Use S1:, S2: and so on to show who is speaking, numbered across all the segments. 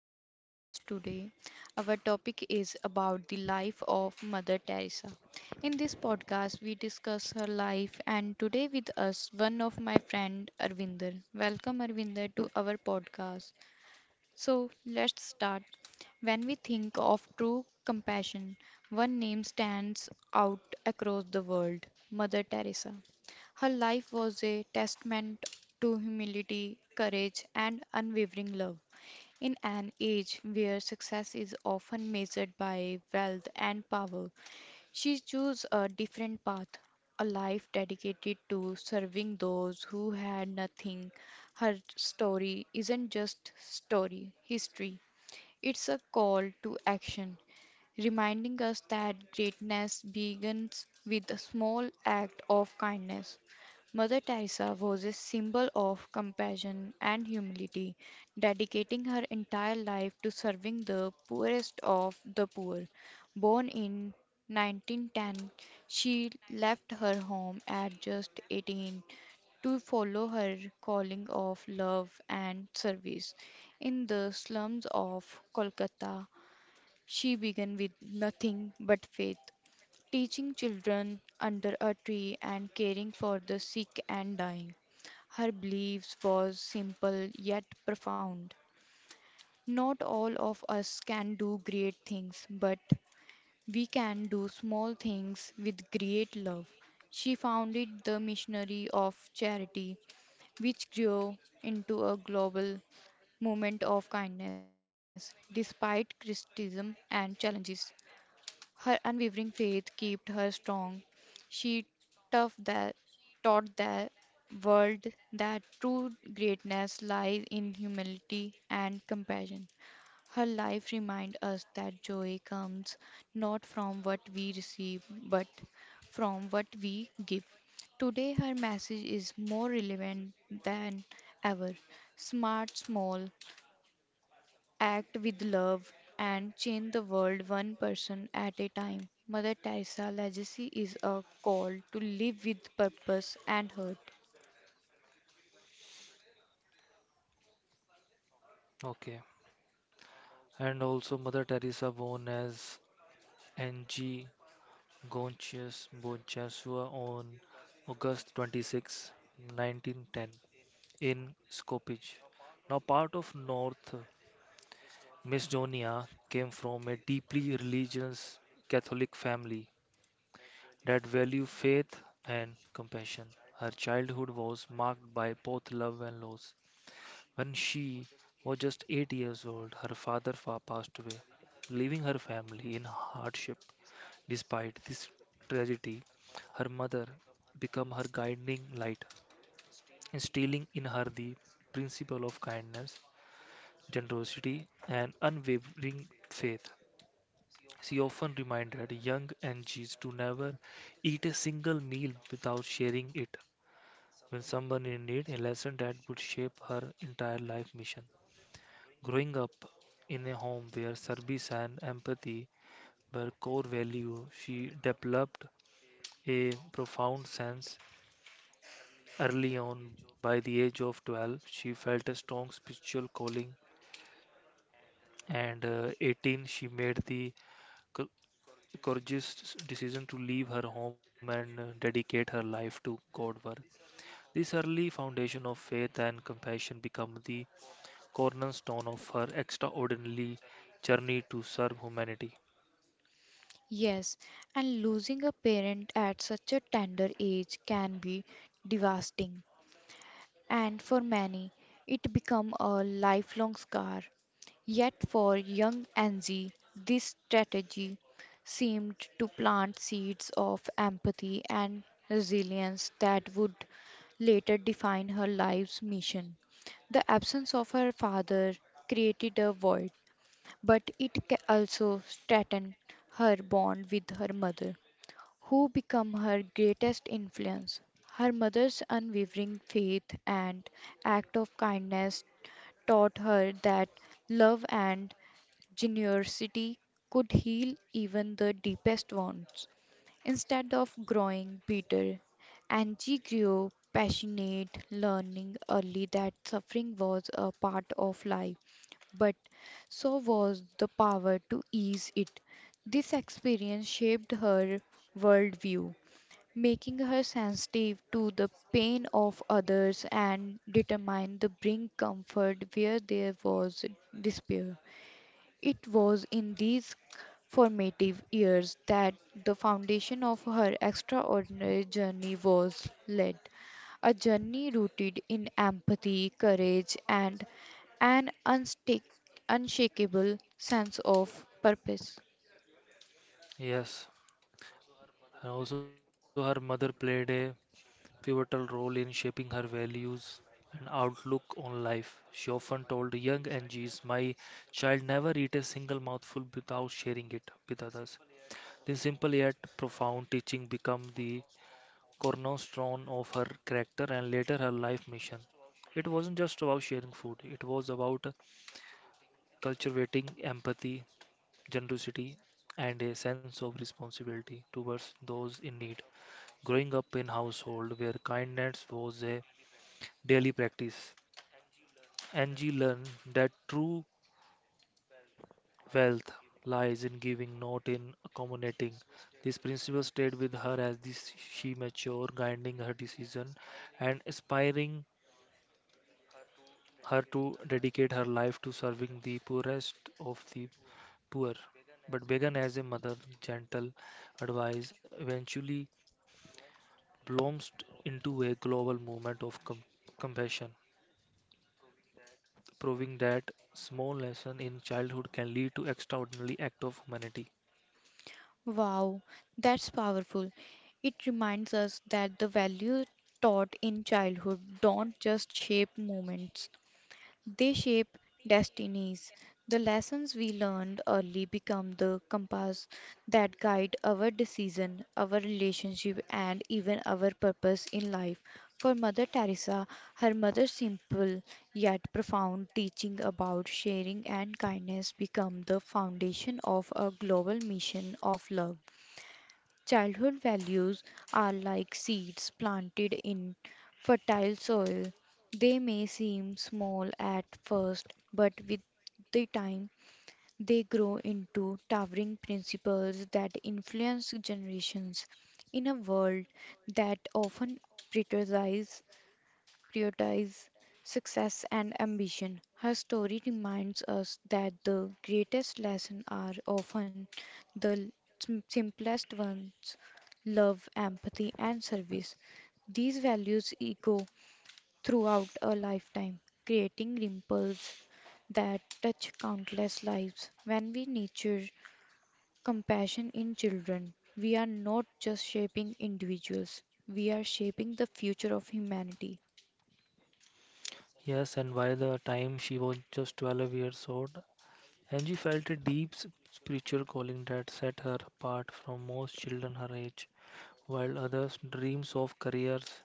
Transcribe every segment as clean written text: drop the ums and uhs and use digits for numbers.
S1: the podcast today. Our topic is about the life of Mother Teresa. In this podcast, we discuss her life, and today with us, one of my friend Arvinder. Welcome, Arvinder, to our podcast. So let's start. When we think of true compassion, one name stands out across the world, Mother Teresa. Her life was a testament to humility, courage, and unwavering love. In an age where success is often measured by wealth and power, she chose a different path, a life dedicated to serving those who had nothing. Her story isn't just story, history. It's a call to action reminding us that greatness begins with a small act of kindness. Mother Teresa was a symbol of compassion and humility, dedicating her entire life to serving the poorest of the poor. Born in 1910, she left her home at just 18 to follow her calling of love and service in the slums of Kolkata. She began with nothing but faith, teaching children under a tree and caring for the sick and dying. Her beliefs was simple yet profound. Not all of us can do great things, but we can do small things with great love. She founded the Missionary of Charity, which grew into a global movement of kindness. Despite criticism and challenges, her unwavering faith kept her strong. She taught that, taught the world that true greatness lies in humility and compassion. Her life reminds us that joy comes not from what we receive, but from what we give. Today, her message is more relevant than ever. Smart, small, act with love and change the world one person at a time. Mother Teresa legacy is a call to live with purpose and hurt.
S2: Okay. And also Mother Teresa born as Ng Gonchius Bonchasua on August 26, 1910 in Skopje. Now part of North Macedonia came from a deeply religious Catholic family that valued faith and compassion. Her childhood was marked by both love and loss. When she was just 8 years old, passed away, leaving her family in hardship. Despite this tragedy, her mother became her guiding light, instilling in her the principle of kindness, generosity, and unwavering faith. She often reminded young Angies to never eat a single meal without sharing it when someone in need, a lesson that would shape her entire life mission. Growing up in a home where service and empathy were core values, she developed a profound sense early on. By the age of 12, she felt a strong spiritual calling, and 18, she made the co- courageous decision to leave her home and dedicate her life to God work. This early foundation of faith and compassion became the cornerstone of her extraordinary journey to serve humanity.
S1: Yes, and losing a parent at such a tender age can be devastating, and for many it become a lifelong scar. Yet for young Anzi, this strategy seemed to plant seeds of empathy and resilience that would later define her life's mission. The absence of her father created a void, but it also strengthened her bond with her mother who become her greatest influence. Her mother's unwavering faith and act of kindness taught her that love and generosity could heal even the deepest wounds. Instead of growing bitter, Angie grew passionate, learning early that suffering was a part of life, but so was the power to ease it. This experience shaped her worldview, making her sensitive to the pain of others and determined to bring comfort where there was despair. It was in these formative years that the foundation of her extraordinary journey was laid, a journey rooted in empathy, courage, and an unshakable sense of purpose.
S2: Yes, and also, her mother played a pivotal role in shaping her values and outlook on life. She often told young Angie's, my child, never eat a single mouthful without sharing it with others. This simple yet profound teaching became the cornerstone of her character and later her life mission. It wasn't just about sharing food, it was about cultivating empathy, generosity, and a sense of responsibility towards those in need. Growing up in household where kindness was a daily practice, Angie learned that true wealth lies in giving, not in accommodating. This principle stayed with her as this she matured, guiding her decision and inspiring her to dedicate her life to serving the poorest of the poor. But began as a mother, gentle advice eventually blossomed into a global movement of compassion, proving that small lessons in childhood can lead to extraordinary acts of humanity.
S1: Wow, that's powerful. It reminds us that the values taught in childhood don't just shape moments, they shape destinies. The lessons we learned early become the compass that guide our decision, our relationship, and even our purpose in life. For Mother Teresa, her mother's simple yet profound teaching about sharing and kindness become the foundation of a global mission of love. Childhood values are like seeds planted in fertile soil. They may seem small at first, but with the time, they grow into towering principles that influence generations. In a world that often prioritizes prioritize success and ambition. Her story reminds us that the greatest lessons are often the simplest ones, love, empathy, and service. These values echo throughout a lifetime, creating ripples that touch countless lives. When we nurture compassion in children, we are not just shaping individuals, we are shaping the future of humanity.
S2: Yes, and by the time she was just 12 years old, Angie felt a deep spiritual calling that set her apart from most children her age. While others dreams of careers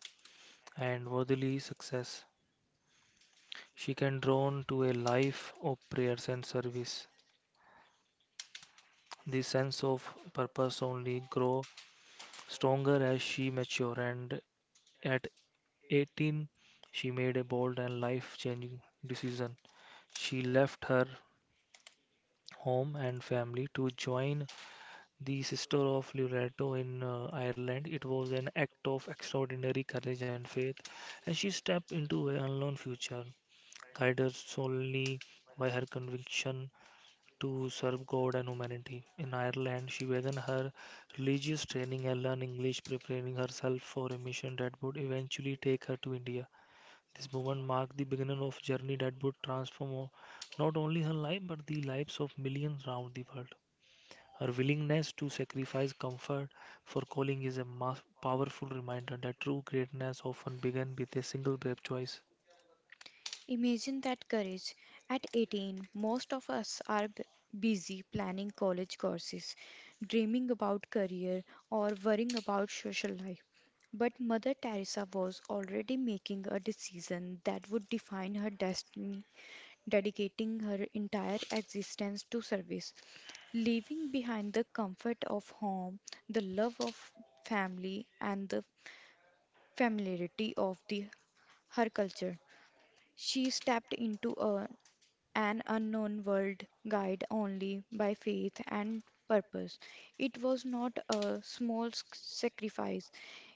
S2: and worldly success, she can drawn to a life of prayers and service. The sense of purpose only grow stronger as she mature and at 18, she made a bold and life-changing decision. She left her home and family to join the Sister of Loreto in Ireland. It was an act of extraordinary courage and faith, and she stepped into an unknown future, guided solely by her conviction to serve God and humanity. In Ireland, she began her religious training and learned English, preparing herself for a mission that would eventually take her to India. This movement marked the beginning of a journey that would transform not only her life but the lives of millions around the world. Her willingness to sacrifice comfort for calling is a powerful reminder that true greatness often begins with a single brave choice.
S1: Imagine that courage. At 18, most of us are busy planning college courses, dreaming about career, or worrying about social life. But Mother Teresa was already making a decision that would define her destiny, dedicating her entire existence to service, leaving behind the comfort of home, the love of family, and the familiarity of the her culture. She stepped into a an unknown world guided only by faith and purpose. It was not a small sacrifice,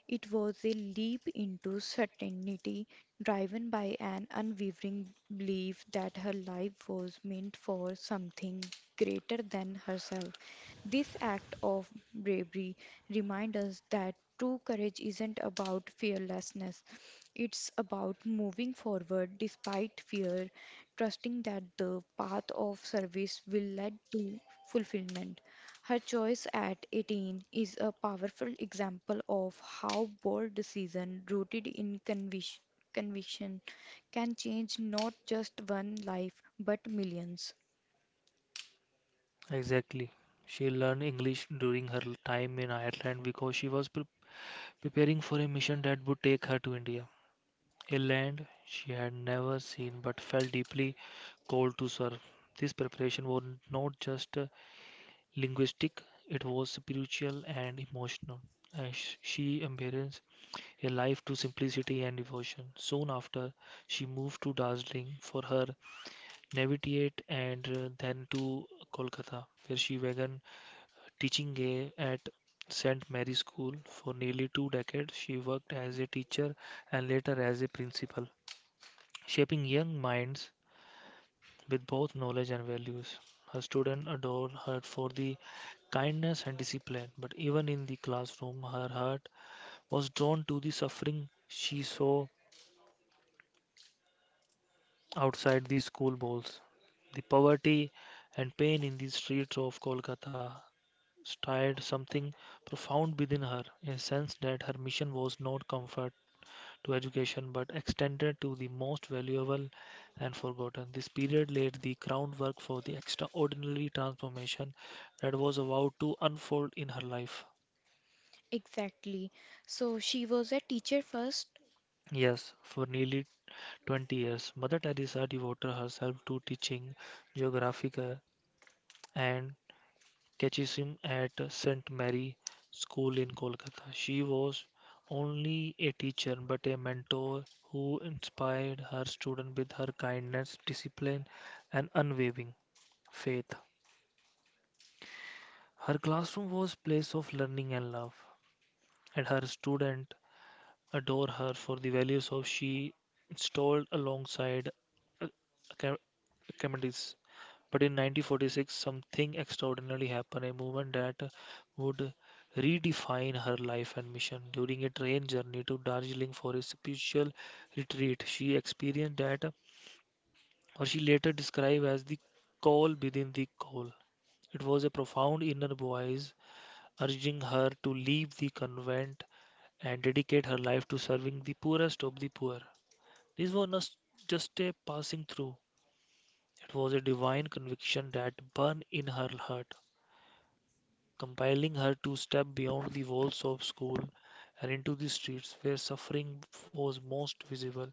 S1: it was a leap into certainty driven by an unwavering belief that her life was meant for something greater than herself. This act of bravery reminds us that true courage isn't about fearlessness, it's about moving forward despite fear, trusting that the path of service will lead to fulfillment. Her choice at 18 is a powerful example of how bold decision rooted in conviction can change not just one life but millions.
S2: Exactly. She learned English during her time in Ireland because she was preparing for a mission that would take her to India, a land she had never seen but felt deeply called to serve. This preparation was not just linguistic, it was spiritual and emotional, as she embraced a life to simplicity and devotion. Soon after, she moved to Darjeeling for her novitiate and then to Kolkata, where she began teaching at St. Mary's School. For nearly two decades, she worked as a teacher and later as a principal, shaping young minds with both knowledge and values. Her students adored her for the kindness and discipline, but even in the classroom, her heart was drawn to the suffering she saw outside the school walls. The poverty and pain in the streets of Kolkata stirred something profound within her, a sense that her mission was not comfort to education but extended to the most valuable and forgotten. This period laid the groundwork for the extraordinary transformation that was about to unfold in her life.
S1: Exactly. So she was a teacher first.
S2: Yes, for nearly 20 years, Mother Teresa devoted herself to teaching geographic and catechism at St. Mary School in Kolkata. She was only a teacher but a mentor who inspired her students with her kindness, discipline, and unwavering faith. Her classroom was a place of learning and love, and her students adore her for the values of she installed alongside uh, acca- but in 1946, something extraordinary happened, a movement that would redefine her life and mission. During a train journey to Darjeeling for a spiritual retreat, she experienced that, or she later described as the call within the call. It was a profound inner voice urging her to leave the convent and dedicate her life to serving the poorest of the poor. This was not just a passing through, it was a divine conviction that burned in her heart, compelling her to step beyond the walls of school and into the streets where suffering was most visible.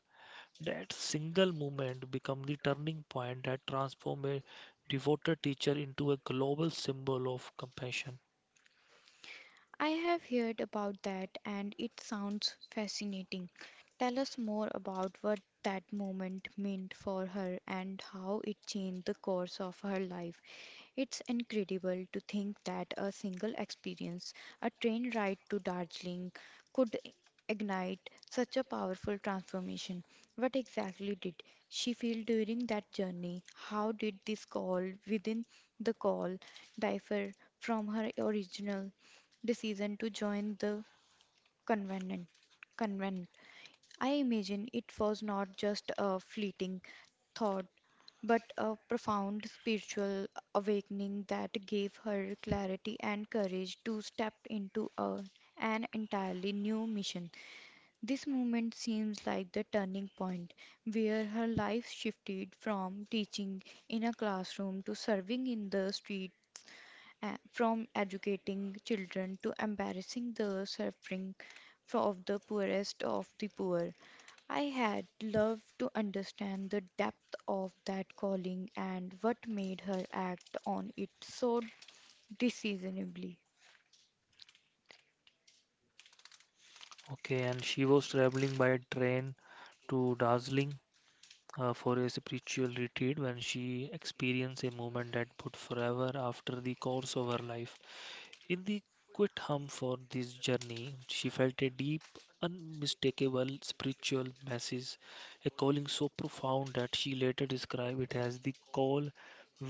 S2: That single moment became the turning point that transformed a devoted teacher into a global symbol of compassion.
S1: I have heard about that and it sounds fascinating. Tell us more about what that moment meant for her and how it changed the course of her life. It's incredible to think that a single experience, a train ride to Darjeeling, could ignite such a powerful transformation. What exactly did she feel during that journey? How did this call within the call differ from her original decision to join the convenant? Convent. I imagine it was not just a fleeting thought, but a profound spiritual awakening that gave her clarity and courage to step into an entirely new mission. This moment seems like the turning point where her life shifted from teaching in a classroom to serving in the street, from educating children to embarrassing the suffering of the poorest of the poor. I had loved to understand the depth of that calling and what made her act on it so decisively.
S2: Okay, and she was traveling by train to Darjeeling for a spiritual retreat when she experienced a moment that would forever after the course of her life. In the quiet hum for this journey, she felt a deep, unmistakable spiritual message, a calling so profound that she later described it as the call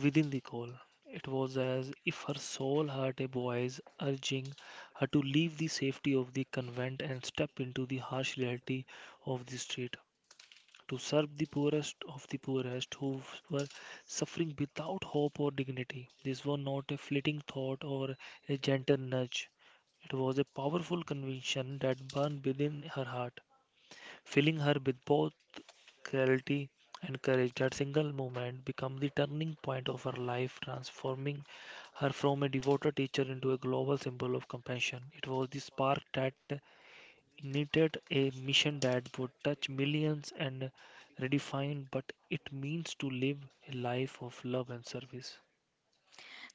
S2: within the call. It was as if her soul heard a voice urging her to leave the safety of the convent and step into the harsh reality of the street to serve the poorest of the poorest who were suffering without hope or dignity. This was not a fleeting thought or a gentle nudge. It was a powerful conviction that burned within her heart, filling her with both clarity and courage. That single moment became the turning point of her life, transforming her from a devoted teacher into a global symbol of compassion. It was the spark that needed a mission that would touch millions and redefine what it means to live a life of love and service.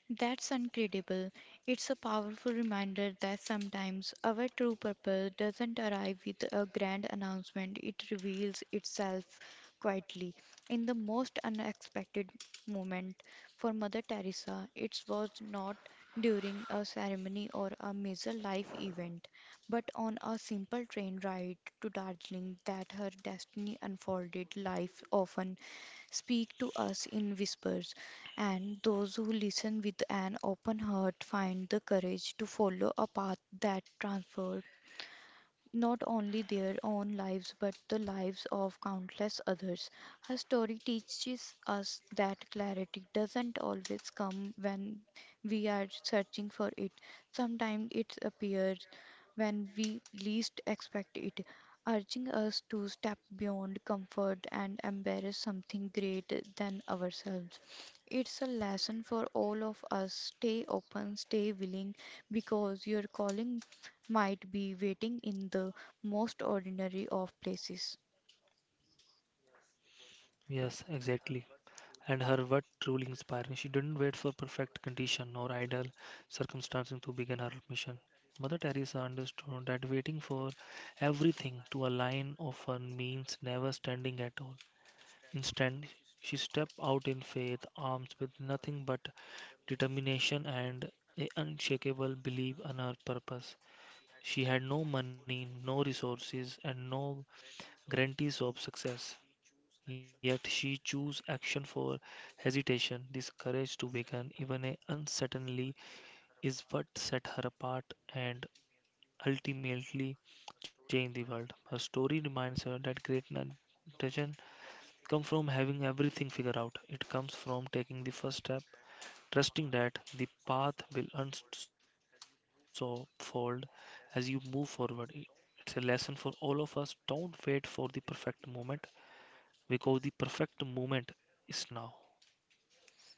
S1: That's incredible. It's a powerful reminder that sometimes our true purpose doesn't arrive with a grand announcement, it reveals itself quietly in the most unexpected moment. For Mother Teresa, it was not during a ceremony or a major life event, but on a simple train ride to Darjeeling that her destiny unfolded. Life often speak to us in whispers, and those who listen with an open heart find the courage to follow a path that transforms not only their own lives but the lives of countless others. Her story teaches us that clarity doesn't always come when we are searching for it. Sometimes it appears when we least expect it, urging us to step beyond comfort and embrace something greater than ourselves. It's a lesson for all of us. Stay open, stay willing, because your calling might be waiting in the most ordinary of places.
S2: Yes, exactly. And her work truly inspiring. She didn't wait for perfect condition or ideal circumstances to begin her mission. Mother Teresa understood that waiting for everything to align often means never standing at all. Instead, she stepped out in faith, armed with nothing but determination and an unshakable belief in her purpose. She had no money, no resources, and no guarantees of success, yet she chose action for hesitation. This courage to begin, even a uncertainly, is what set her apart and ultimately changed the world. Her story reminds her that greatness doesn't come from having everything figured out. It comes from taking the first step, trusting that the path will unfold as you move forward. It's a lesson for all of us. Don't wait for the perfect moment because the perfect moment is now.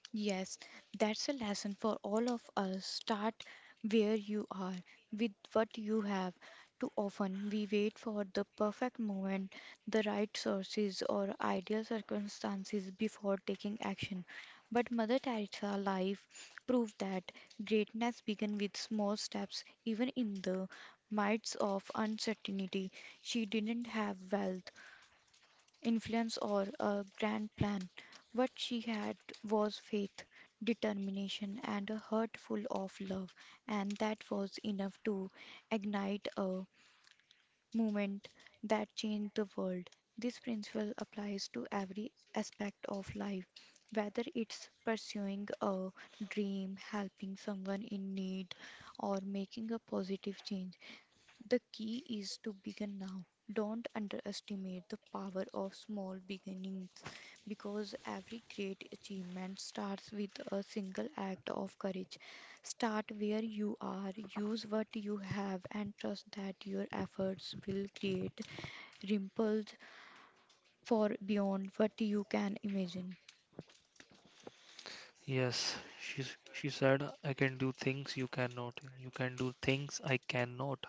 S1: Yes, that's a lesson for all of us. Start where you are with what you have. Too often we wait for the perfect moment, the right sources, or ideal circumstances before taking action. But Mother Teresa's life proved that greatness begins with small steps, even in the midst of uncertainty. She didn't have wealth, influence or a grand plan. What she had was faith, determination, and a heart full of love, and that was enough to ignite a movement that changed the world. This principle applies to every aspect of life, whether it's pursuing a dream, helping someone in need, or making a positive change. The key is to begin now. Don't underestimate the power of small beginnings because every great achievement starts with a single act of courage. Start where you are, use what you have, and trust that your efforts will create ripples for beyond what you can imagine.
S2: Yes, she, she said, I can do things you cannot. You can do things I cannot.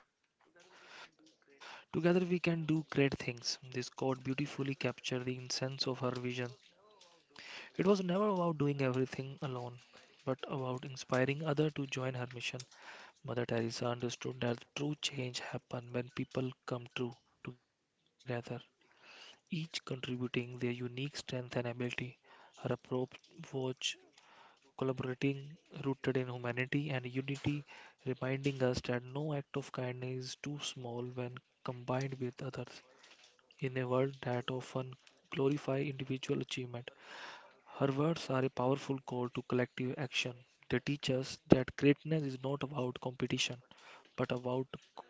S2: Together we can do great things. This quote beautifully captured the essence of her vision. It was never about doing everything alone, but about inspiring others to join her mission. Mother Teresa understood that true change happens when people come true together, each contributing their unique strength and ability. Her approach was collaborating, rooted in humanity and unity, reminding us that no act of kindness is too small when combined with others. In a world that often glorifies individual achievement, her words are a powerful call to collective action. They teach us that greatness is not about competition, but about co-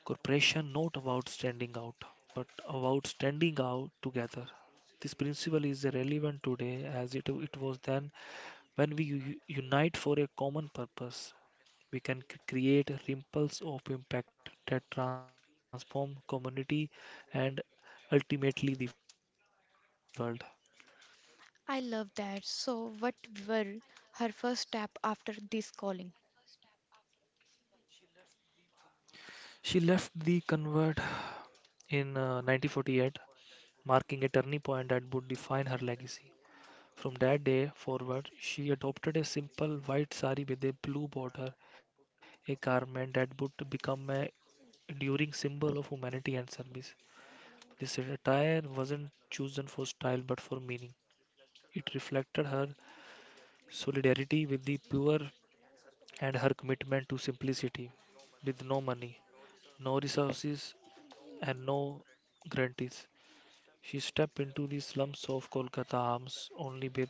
S2: cooperation, not about standing out, but about standing out together. This principle is relevant today as it was then. When we unite for a common purpose, we can create ripples of impact that transform community and ultimately the world.
S1: I love that. So, what were her first step after this calling?
S2: She left the convert in 1948, marking a turning point that would define her legacy. From that day forward, she adopted a simple white sari with a blue border, a garment that would become an enduring symbol of humanity and service. This attire wasn't chosen for style but for meaning. It reflected her solidarity with the poor and her commitment to simplicity, with no money, no resources, and no guarantees. She stepped into the slums of Kolkata arms only with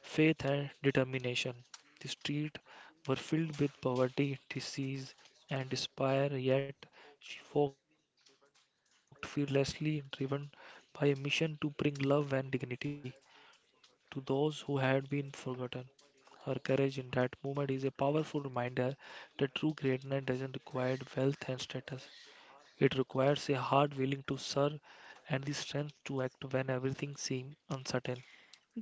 S2: faith and determination. The streets were filled with poverty, disease, and despair, yet she walked fearlessly, driven by a mission to bring love and dignity to those who had been forgotten. Her courage in that moment is a powerful reminder that true greatness doesn't require wealth and status. It requires a heart willing to serve and the strength to act when everything seems uncertain.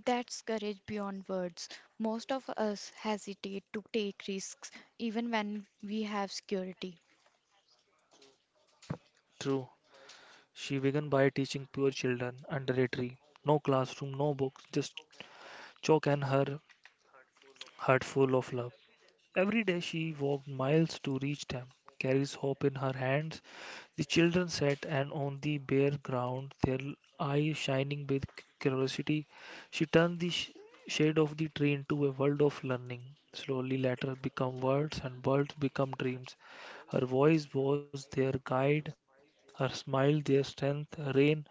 S1: That's courage beyond words. Most of us hesitate to take risks even when we have security.
S2: True. She began by teaching poor children under a tree. No classroom, no books, just chalk and her heart full of love. Every day she walked miles to reach them, carries hope in her hands. The children sat and on the bare ground, their eyes shining with curiosity, she turned the shade of the tree into a world of learning. Slowly, letters become words and words become dreams. Her voice was their guide, her smile their strength. Rain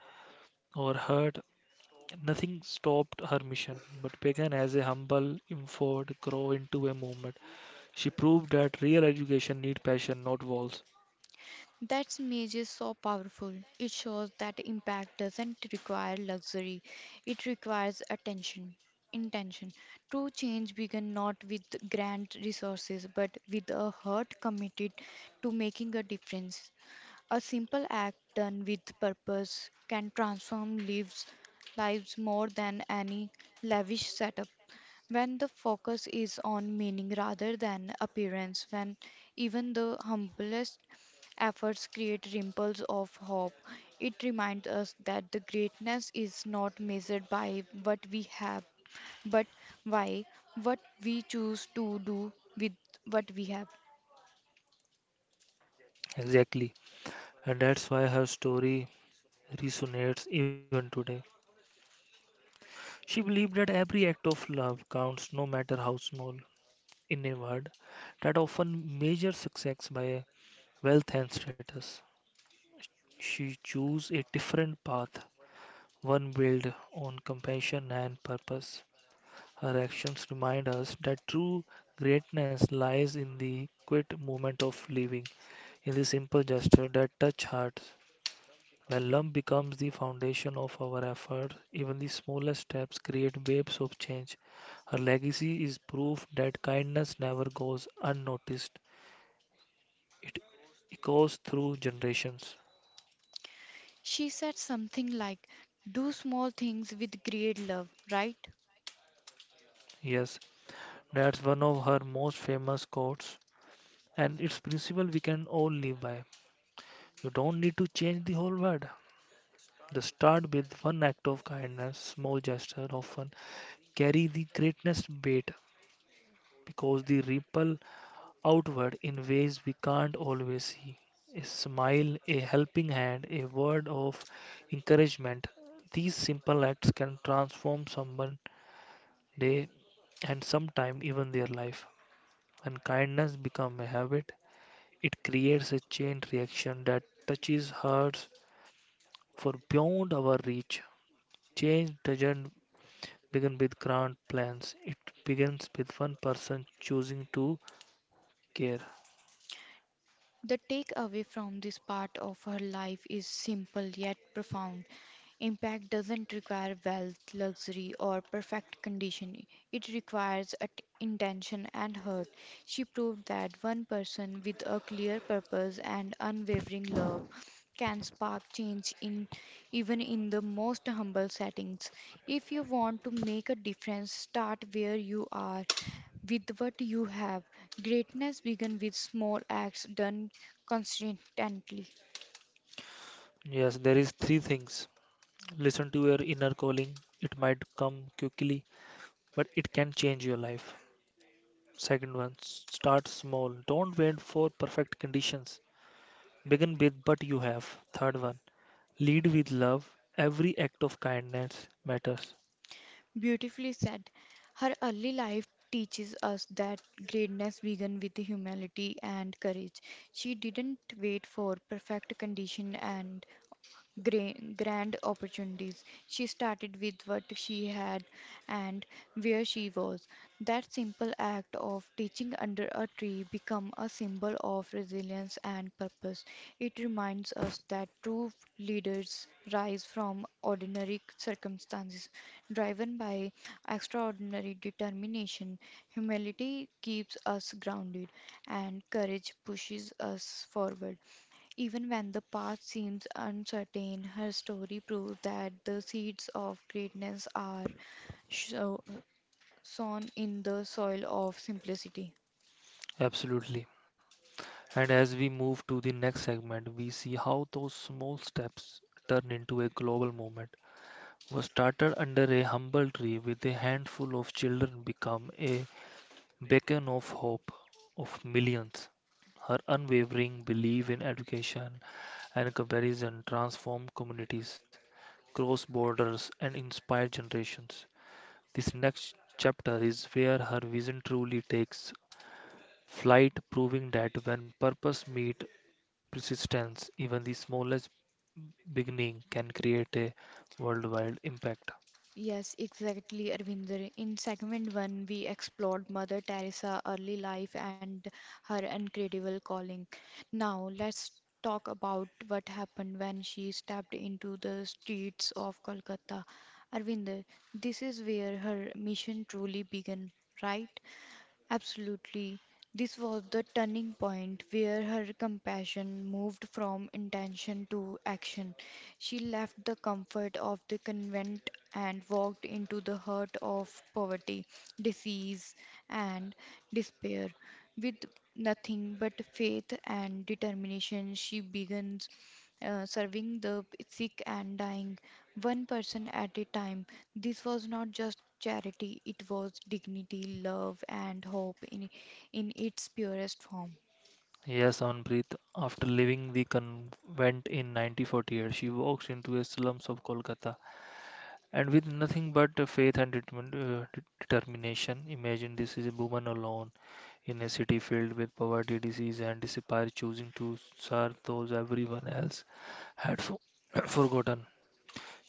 S2: or hurt, nothing stopped her mission, but began as a humble effort grow into a movement. She proved that real education needs passion, not walls.
S1: That image is so powerful. It shows that impact doesn't require luxury, it requires attention. Intention. True change begins not with grand resources but with a heart committed to making a difference. A simple act done with purpose can transform lives more than any lavish setup. When the focus is on meaning rather than appearance, when even the humblest efforts create ripples of hope, it reminds us that the greatness is not measured by what we have, but by what we choose to do with what we have.
S2: Exactly. And that's why her story resonates even today. She believed that every act of love counts, no matter how small. In a word, that often measures success by wealth and status. She chose a different path, one built on compassion and purpose. Her actions remind us that true greatness lies in the quiet moment of living, in the simple gesture that touch hearts. When love becomes the foundation of our effort, even the smallest steps create waves of change. Her legacy is proof that kindness never goes unnoticed. It echoes through generations.
S1: She said something like, do small things with great love, right?
S2: Yes, that's one of her most famous quotes, and its principle we can all live by. You don't need to change the whole world. Just start with one act of kindness, small gesture often carry the greatest weight because the ripple outward in ways we can't always see. A smile, a helping hand, a word of encouragement. These simple acts can transform someone's day and sometime even their life. When kindness becomes a habit, it creates a chain reaction that touches hearts for beyond our reach. Change doesn't begin with grand plans. It begins with one person choosing to care.
S1: The takeaway from this part of her life is simple yet profound. Impact doesn't require wealth, luxury, or perfect condition. It requires intention and heart. She proved that one person with a clear purpose and unwavering love can spark change in even in the most humble settings. If you want to make a difference, start where you are with what you have. Greatness begins with small acts done consistently.
S2: Yes, there is three things. Listen to your inner calling. It might come quickly, but it can change your life. Second one, start small. Don't wait for perfect conditions. Begin with what you have. Third one, lead with love. Every act of kindness matters.
S1: Beautifully said. Her early life teaches us that greatness began with humility and courage. She didn't wait for perfect condition and grand opportunities. She started with what she had and where she was. That simple act of teaching under a tree become a symbol of resilience and purpose. It reminds us that true leaders rise from ordinary circumstances, driven by extraordinary determination. Humility keeps us grounded, and courage pushes us forward. Even when the path seems uncertain, her story proves that the seeds of greatness are sho- sown in the soil of simplicity.
S2: Absolutely. And as we move to the next segment, we see how those small steps turn into a global movement. What started under a humble tree with a handful of children become a beacon of hope of millions. Her unwavering belief in education and comparison transformed communities, crossed borders, and inspired generations. This next chapter is where her vision truly takes flight, proving that when purpose meets persistence, even the smallest beginning can create a worldwide impact.
S1: Yes, exactly, Arvinder. In segment one, we explored Mother Teresa, early life, and her incredible calling. Now, let's talk about what happened when she stepped into the streets of Kolkata. Arvinder, this is where her mission truly began, right? Absolutely. This was the turning point where her compassion moved from intention to action. She left the comfort of the convent and walked into the heart of poverty, disease, and despair. With nothing but faith and determination, she begins serving the sick and dying, one person at a time. This was not just charity, it was dignity, love, and hope in its purest form.
S2: Yes, Amanpreet. After leaving the convent in 1948, she walks into the slums of Kolkata and with nothing but faith and determination. Imagine this is a woman alone in a city filled with poverty, disease, and despair, choosing to serve those everyone else had forgotten.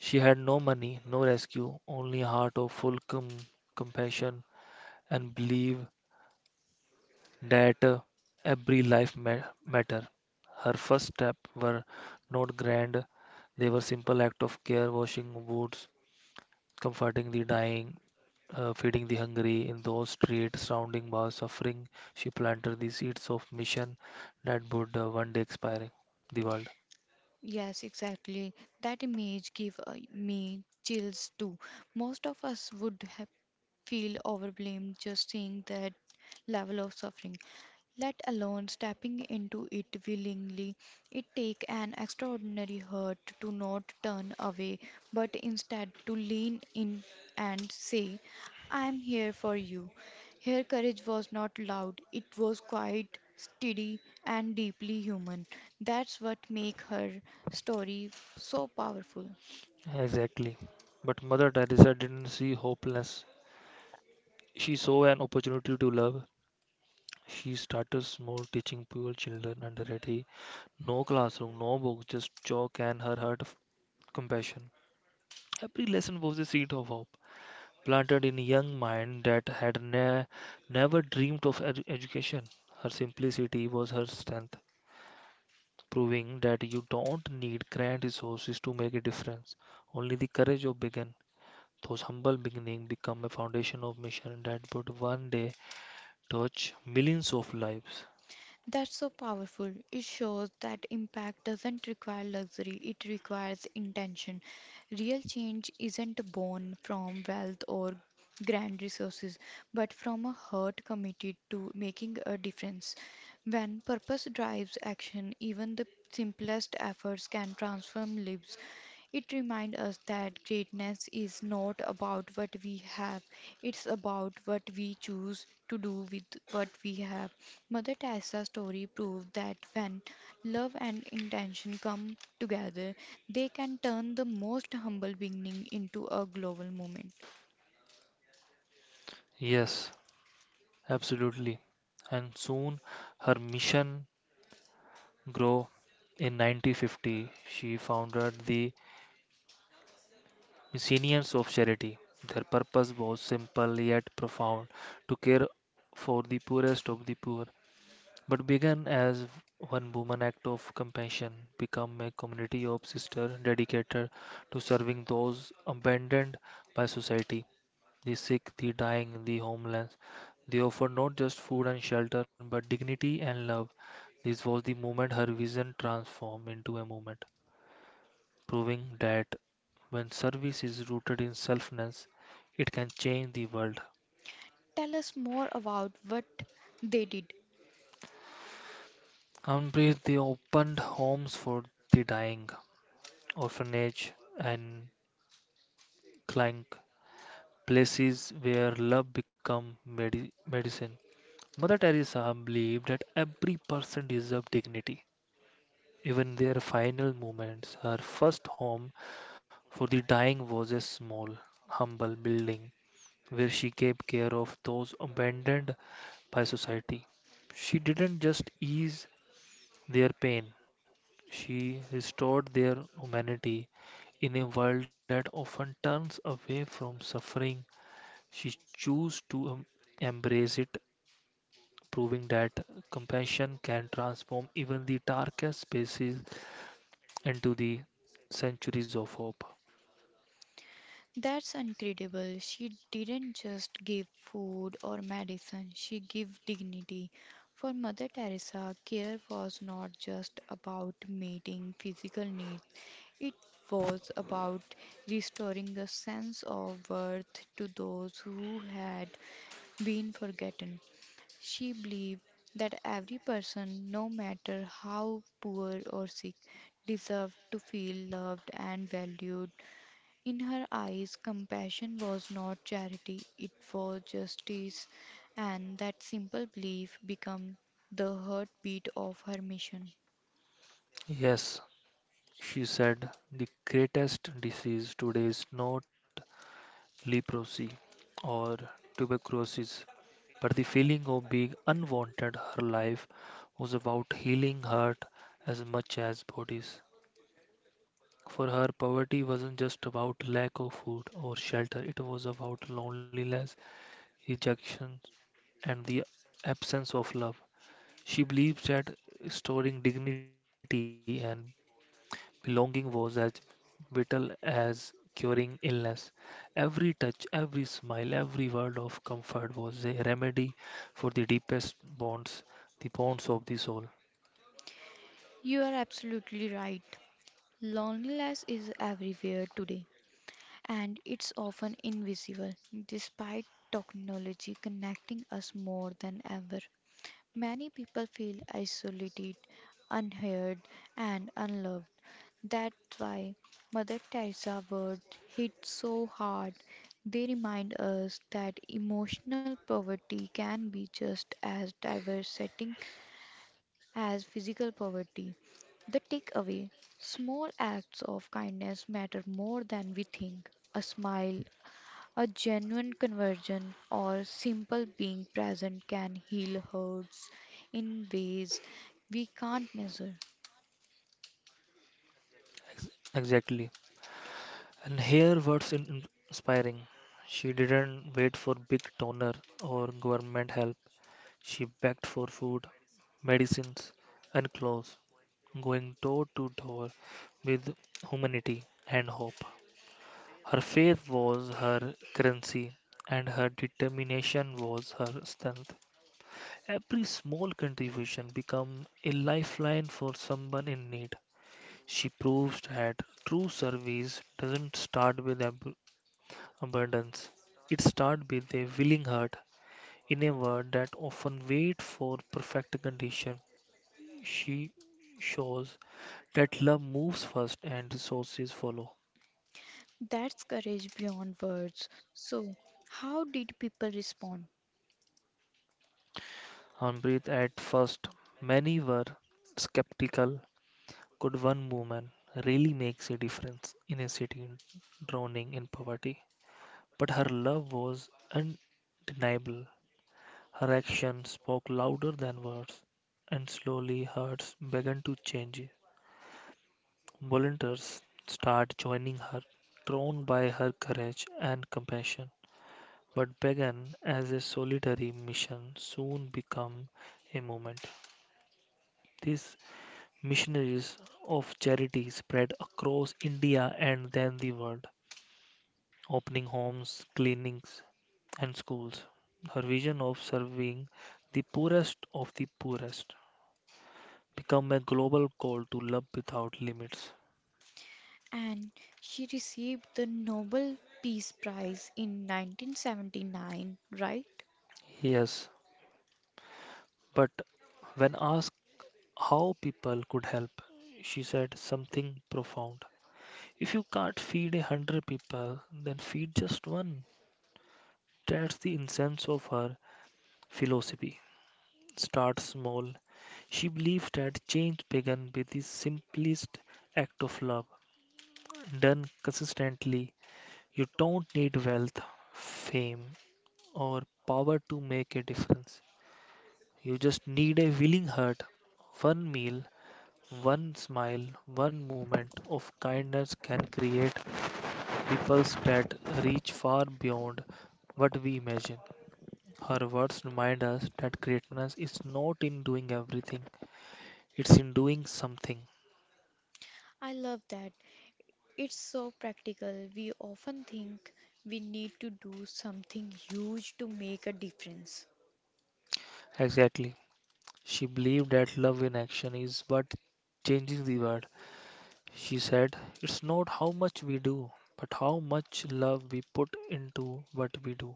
S2: She had no money, no rescue, only a heart of full compassion and belief that every life matter. Her first steps were not grand; they were simple act of care, washing wounds, comforting the dying, feeding the hungry. In those streets surrounding by suffering, she planted the seeds of mission that would one day expire the world.
S1: Yes, exactly. That image gave me chills too. Most of us would have feel overwhelmed just seeing that level of suffering, let alone stepping into it willingly. It takes an extraordinary heart to not turn away, but instead to lean in and say, I am here for you. Her courage was not loud, it was quiet, steady, and deeply human. That's what makes her story so powerful.
S2: Exactly. But Mother Teresa didn't see hopelessness. She saw an opportunity to love. She started small, teaching poor children under. No classroom, no books, just chalk and her heart of compassion. Every lesson was a seed of hope, planted in a young mind that had never dreamed of education. Her simplicity was her strength, proving that you don't need grand resources to make a difference. Only the courage of begin. Those humble beginnings become a foundation of mission that would one day touch millions of lives.
S1: That's so powerful. It shows that impact doesn't require luxury, it requires intention. Real change isn't born from wealth or grand resources, but from a heart committed to making a difference. When purpose drives action, even the simplest efforts can transform lives. It reminds us that greatness is not about what we have, it's about what we choose to do with what we have. Mother Teresa's story proved that when love and intention come together, they can turn the most humble beginning into a global movement.
S2: Yes, absolutely. And soon her mission grow. In 1950, she founded the Missionaries of Charity. Their purpose was simple yet profound to care for the poorest of the poor, but began as one woman act of compassion, become a community of sisters dedicated to serving those abandoned by society, the sick, the dying, the homeless. They offer not just food and shelter, but dignity and love. This was the moment her vision transformed into a movement, proving that when service is rooted in selfness, it can change the world.
S1: Tell us more about what they did.
S2: Unbreathe they opened homes for the dying, orphanage and clank, places where love become medicine. Mother Teresa believed that every person deserved dignity. Even in their final moments, her first home for the dying was a small, humble building where she gave care of those abandoned by society. She didn't just ease their pain, she restored their humanity. In a world that often turns away from suffering, she chose to embrace it, proving that compassion can transform even the darkest spaces into the centuries of hope.
S1: That's incredible. She didn't just give food or medicine, she gave dignity. For Mother Teresa, care was not just about meeting physical needs, it was about restoring a sense of worth to those who had been forgotten. She believed that every person, no matter how poor or sick, deserved to feel loved and valued. In her eyes, compassion was not charity, it was justice, and that simple belief became the heartbeat of her mission.
S2: Yes, she said, the greatest disease today is not leprosy or tuberculosis, but the feeling of being unwanted, her life was about healing heart as much as bodies. For her, poverty wasn't just about lack of food or shelter, it was about loneliness, rejection, and the absence of love. She believes that restoring dignity and belonging was as vital as curing illness. Every touch, every smile, every word of comfort was a remedy for the deepest bonds, the bonds of the soul.
S1: You are absolutely right. Loneliness is everywhere today, and it's often invisible, despite technology connecting us more than ever. Many people feel isolated, unheard, and unloved. That's why Mother Teresa's words hit so hard. They remind us that emotional poverty can be just as devastating as physical poverty. The takeaway: small acts of kindness matter more than we think. A smile, a genuine conversion or simple being present can heal hurts in ways we can't measure.
S2: Exactly. And here words inspiring. She didn't wait for big donor or government help. She begged for food, medicines, and clothes, going door to door with humanity and hope. Her faith was her currency, and her determination was her strength. Every small contribution became a lifeline for someone in need. She proved that true service doesn't start with abundance, it starts with a willing heart. In a world that often waits for perfect condition, she shows that love moves first and resources follow.
S1: That's courage beyond words. So, how did people respond?
S2: Hornbreath at first, many were skeptical. Could one woman really make a difference in a city drowning in poverty? But her love was undeniable. Her action spoke louder than words, and slowly hearts began to change. Volunteers started joining her, drawn by her courage and compassion. But began as a solitary mission soon became a movement. This Missionaries of charity spread across India and then the world, opening homes, clinics, and schools. Her vision of serving the poorest of the poorest became a global call to love without limits.
S1: And she received the Nobel Peace Prize in 1979, right?
S2: Yes, but when asked how people could help, she said something profound. If you can't feed a hundred people, then feed just one. That's the essence of her philosophy. Start small. She believes that change begins with the simplest act of love. Done consistently, you don't need wealth, fame, or power to make a difference. You just need a willing heart. One meal, one smile, one moment of kindness can create ripples that reach far beyond what we imagine. Her words remind us that greatness is not in doing everything, it's in doing something.
S1: I love that. It's so practical. We often think we need to do something huge to make a difference.
S2: Exactly. She believed that love in action is what changes the world. She said, it's not how much we do, but how much love we put into what we do.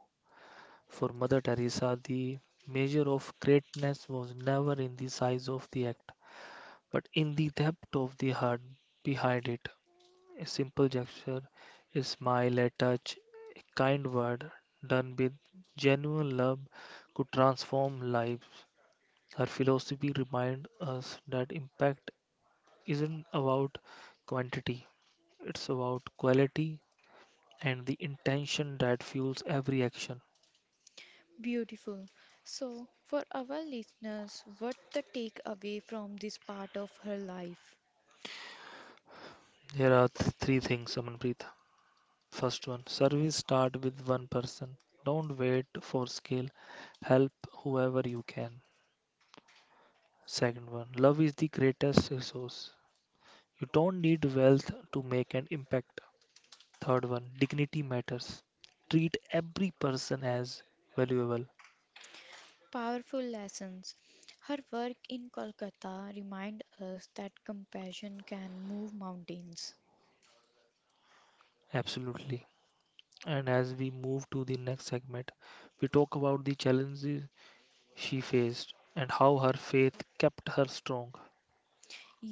S2: For Mother Teresa, the measure of greatness was never in the size of the act, but in the depth of the heart behind it. A simple gesture, a smile, a touch, a kind word done with genuine love could transform lives. Her philosophy reminds us that impact isn't about quantity, it's about quality and the intention that fuels every action.
S1: Beautiful. So, for our listeners, what the takeaway from this part of her life?
S2: Here are three things, Amanpreet. First one, service start with one person. Don't wait for scale. Help whoever you can. Second one, love is the greatest resource. You don't need wealth to make an impact. Third one, dignity matters. Treat every person as valuable.
S1: Powerful lessons. Her work in Kolkata remind us that compassion can move mountains.
S2: Absolutely. And as we move to the next segment, we talk about the challenges she faced and how her faith kept her strong.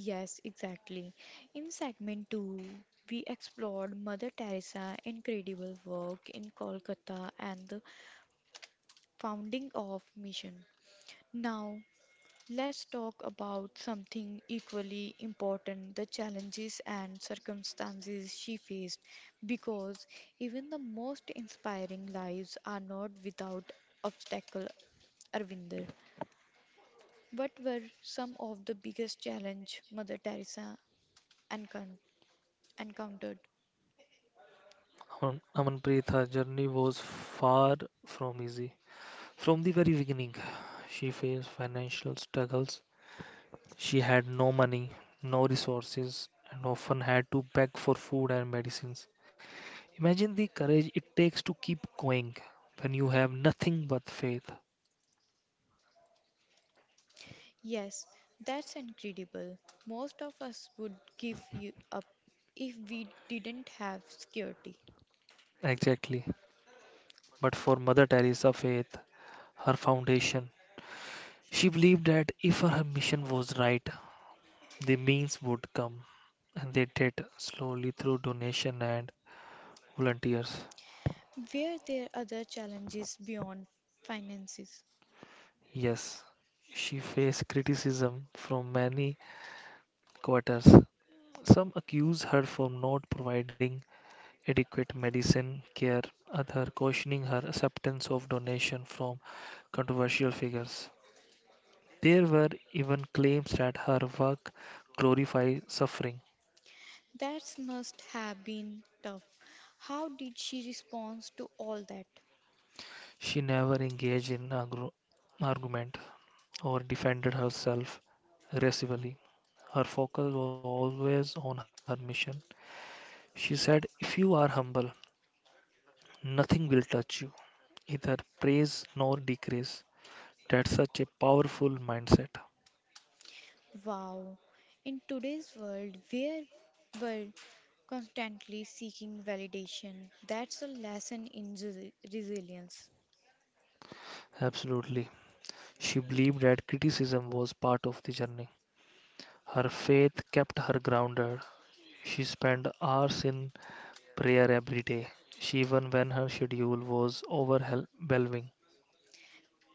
S1: Yes, exactly. In segment 2, we explored Mother Teresa's incredible work in Kolkata and the founding of mission. Now, let's talk about something equally important: the challenges and circumstances she faced. Because even the most inspiring lives are not without obstacle, Arvinder. What were some of the biggest challenge Mother Teresa encon- encountered?
S2: Amanpreet, her journey was far from easy. From the very beginning, she faced financial struggles. She had no money, no resources, and often had to beg for food and medicines. Imagine the courage it takes to keep going when you have nothing but faith.
S1: Yes, that's incredible. Most of us would give you up if we didn't have security.
S2: Exactly. But for Mother Teresa, faith, her foundation. She believed that if her mission was right, the means would come, and they did, slowly through donation and volunteers.
S1: Were there other challenges beyond finances?
S2: Yes, she faced criticism from many quarters. Some accused her for not providing adequate medicine care, others questioning her acceptance of donation from controversial figures. There were even claims that her work glorified suffering.
S1: That must have been tough. How did she respond to all that?
S2: She never engaged in argument or defended herself aggressively. Her focus was always on her mission. She said, if you are humble, nothing will touch you, either praise nor decrease. That's such a powerful mindset.
S1: Wow. In today's world, where we're constantly seeking validation, that's a lesson in resilience.
S2: Absolutely. She believed that criticism was part of the journey. Her faith kept her grounded. She spent hours in prayer every day, she even when her schedule was overwhelming.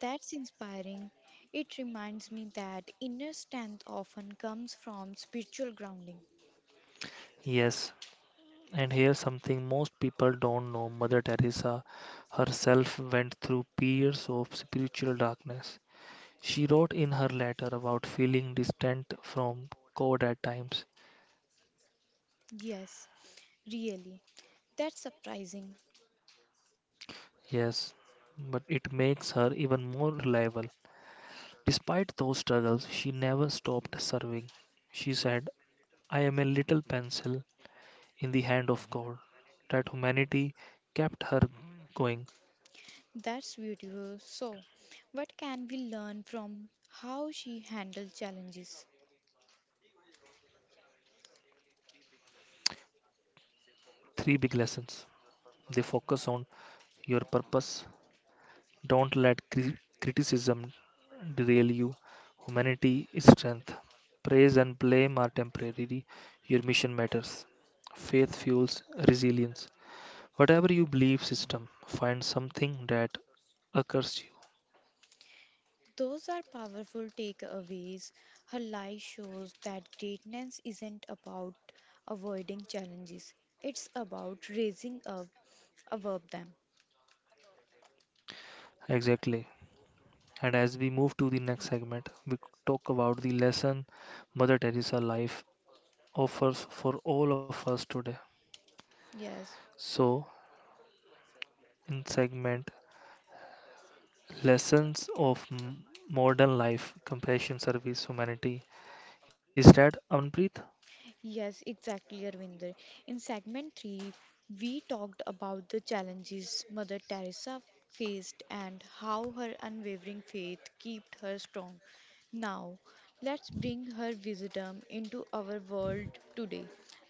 S1: That's inspiring. It reminds me that inner strength often comes from spiritual grounding.
S2: Yes, and here's something most people don't know. Mother Teresa herself went through periods of spiritual darkness. She wrote in her letter about feeling distant from God at times.
S1: Yes, really. That's surprising.
S2: Yes, but it makes her even more reliable. Despite those struggles, she never stopped serving. She said, I am a little pencil in the hand of God. That humanity kept her going.
S1: That's beautiful. So, what can we learn from how she handled challenges?
S2: Three big lessons. They focus on your purpose. Don't let criticism derail you. Humanity is strength. Praise and blame are temporary. Your mission matters. Faith fuels resilience. Whatever you believe system, find something that occurs you.
S1: Those are powerful takeaways. Her life shows that greatness isn't about avoiding challenges, it's about raising up above them.
S2: Exactly. And as we move to the next segment, we talk about the lesson Mother Teresa life offers for all of us today.
S1: Yes.
S2: So, in segment lessons of modern life, compassion, service, humanity. Is that Anpreet?
S1: Yes, exactly, Arvinder. In segment 3, we talked about the challenges Mother Teresa faced and how her unwavering faith kept her strong. Now, let's bring her wisdom into our world today.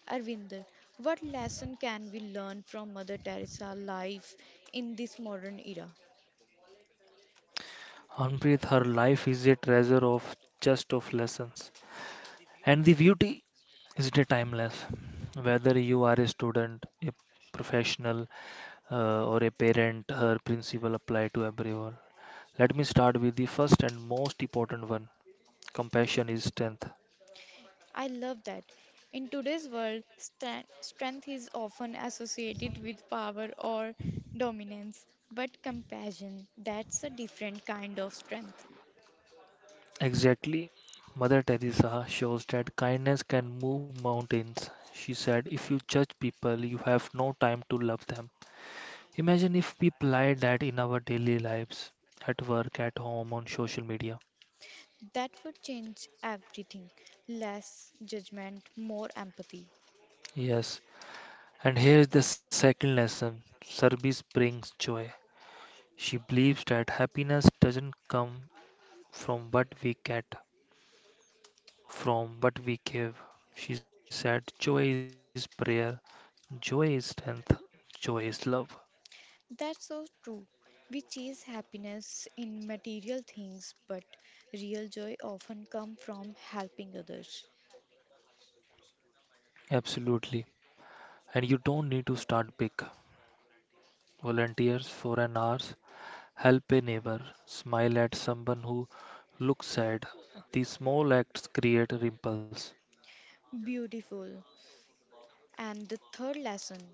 S1: Arvinder, what lesson can we learn from Mother Teresa life in this modern era?
S2: Anpreet, her life is a treasure of just of lessons. And the beauty is the timeless. Whether you are a student, a professional, or a parent, her principle apply to everyone. Let me start with the first and most important one. Compassion is strength.
S1: I love that. In today's world, strength is often associated with power or dominance, but compassion, that's a different kind of strength.
S2: Exactly. Mother Teresa shows that kindness can move mountains. She said, if you judge people, you have no time to love them. Imagine if we apply that in our daily lives, at work, at home, on social media.
S1: That would change everything. Less judgment, more empathy.
S2: Yes, and here is the second lesson service brings joy. She believes that happiness doesn't come from what we get, from what we give. She said, joy is prayer, joy is strength, joy is love.
S1: That's so true. We chase happiness in material things, but real joy often comes from helping others.
S2: Absolutely. And you don't need to start big. Volunteers for an hour, help a neighbor, smile at someone who looks sad. These small acts create ripples.
S1: Beautiful. And the third lesson.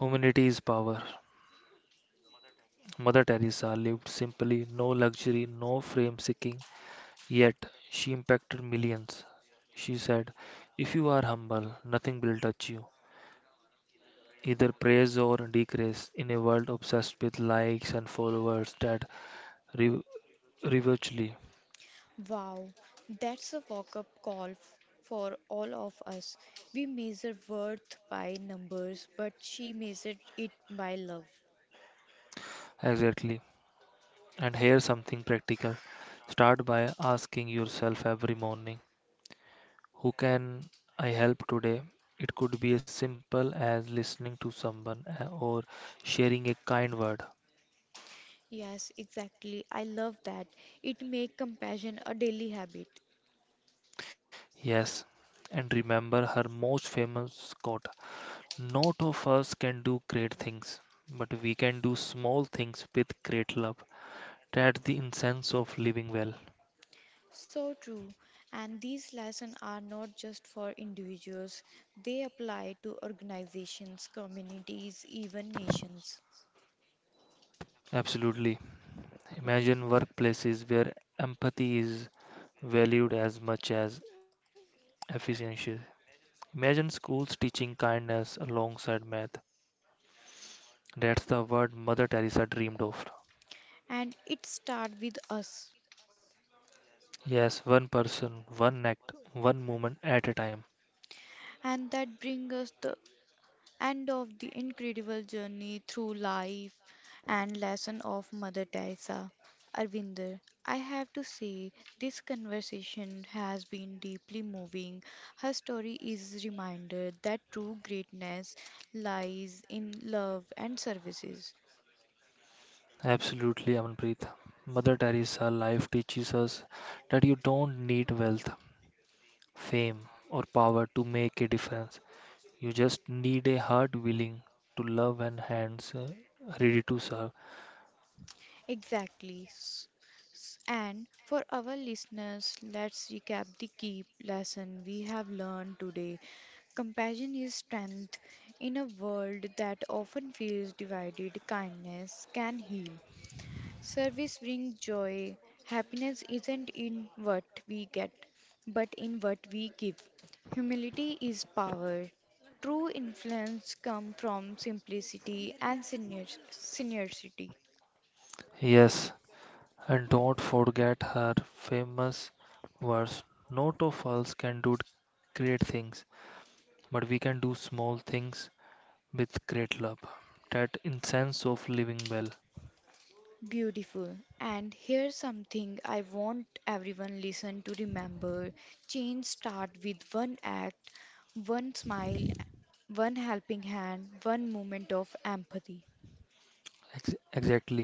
S2: Humanity is power. Mother Teresa lived simply, no luxury, no fame seeking, yet she impacted millions. She said, if you are humble, nothing will touch you. Either praise or decrease in a world obsessed with likes and followers that re- reversely.
S1: Wow, that's a wake-up call for all of us. We measure worth by numbers, but she measured it by love.
S2: Exactly. And here's something practical. Start by asking yourself every morning, who can I help today? It could be as simple as listening to someone or sharing a kind word.
S1: Yes, exactly. I love that. It make compassion a daily habit.
S2: Yes, and remember her most famous quote: not of us can do great things, but we can do small things with great love. That's the essence of living well.
S1: So true. And these lessons are not just for individuals. They apply to organizations, communities, even nations.
S2: Absolutely. Imagine workplaces where empathy is valued as much as efficiency. Imagine schools teaching kindness alongside math. That's the word Mother Teresa dreamed of.
S1: And it starts with us.
S2: Yes, one person, one act, one moment at a time.
S1: And that brings us the and of the incredible journey through life and lesson of Mother Teresa. Arvinder, I have to say this conversation has been deeply moving. Her story is a reminder that true greatness lies in love and services.
S2: Absolutely, Amanpreet. Mother Teresa life teaches us that you don't need wealth, fame, or power to make a difference. You just need a heart willing to love and hands ready to serve.
S1: Exactly. And for our listeners, let's recap the key lesson we have learned today. Compassion is strength. In a world that often feels divided, kindness can heal. Service brings joy. Happiness isn't in what we get, but in what we give. Humility is power. True influence comes from simplicity and sincerity.
S2: Yes, and don't forget her famous verse: not of us can do great things, but we can do small things with great love. That sense of living well.
S1: Beautiful. And here's something I want everyone listen to remember. Change start with one act, one smile, one helping hand, one moment of empathy.
S2: Exactly.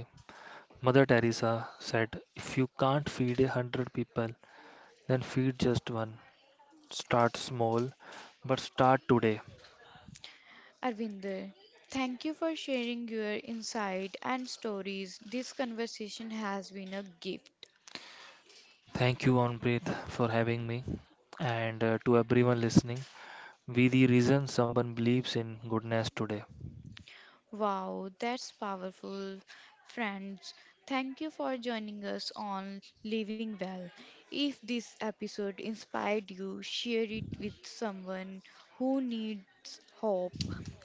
S2: Mother Teresa said, if you can't feed a hundred people, then feed just one. Start small, but start today.
S1: Arvinder, thank you for sharing your insight and stories. This conversation has been a gift.
S2: Thank you, Onpreet, for having me. And to everyone listening, be the reason someone believes in goodness today.
S1: Wow, that's powerful. Friends, thank you for joining us on Living Well. If this episode inspired you, share it with someone who needs hope.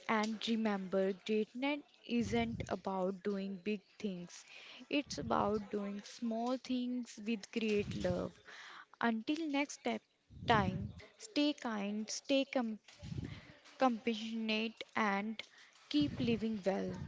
S1: And remember, greatness isn't about doing big things, it's about doing small things with great love. Until next step, time, stay kind, stay compassionate, and keep living well.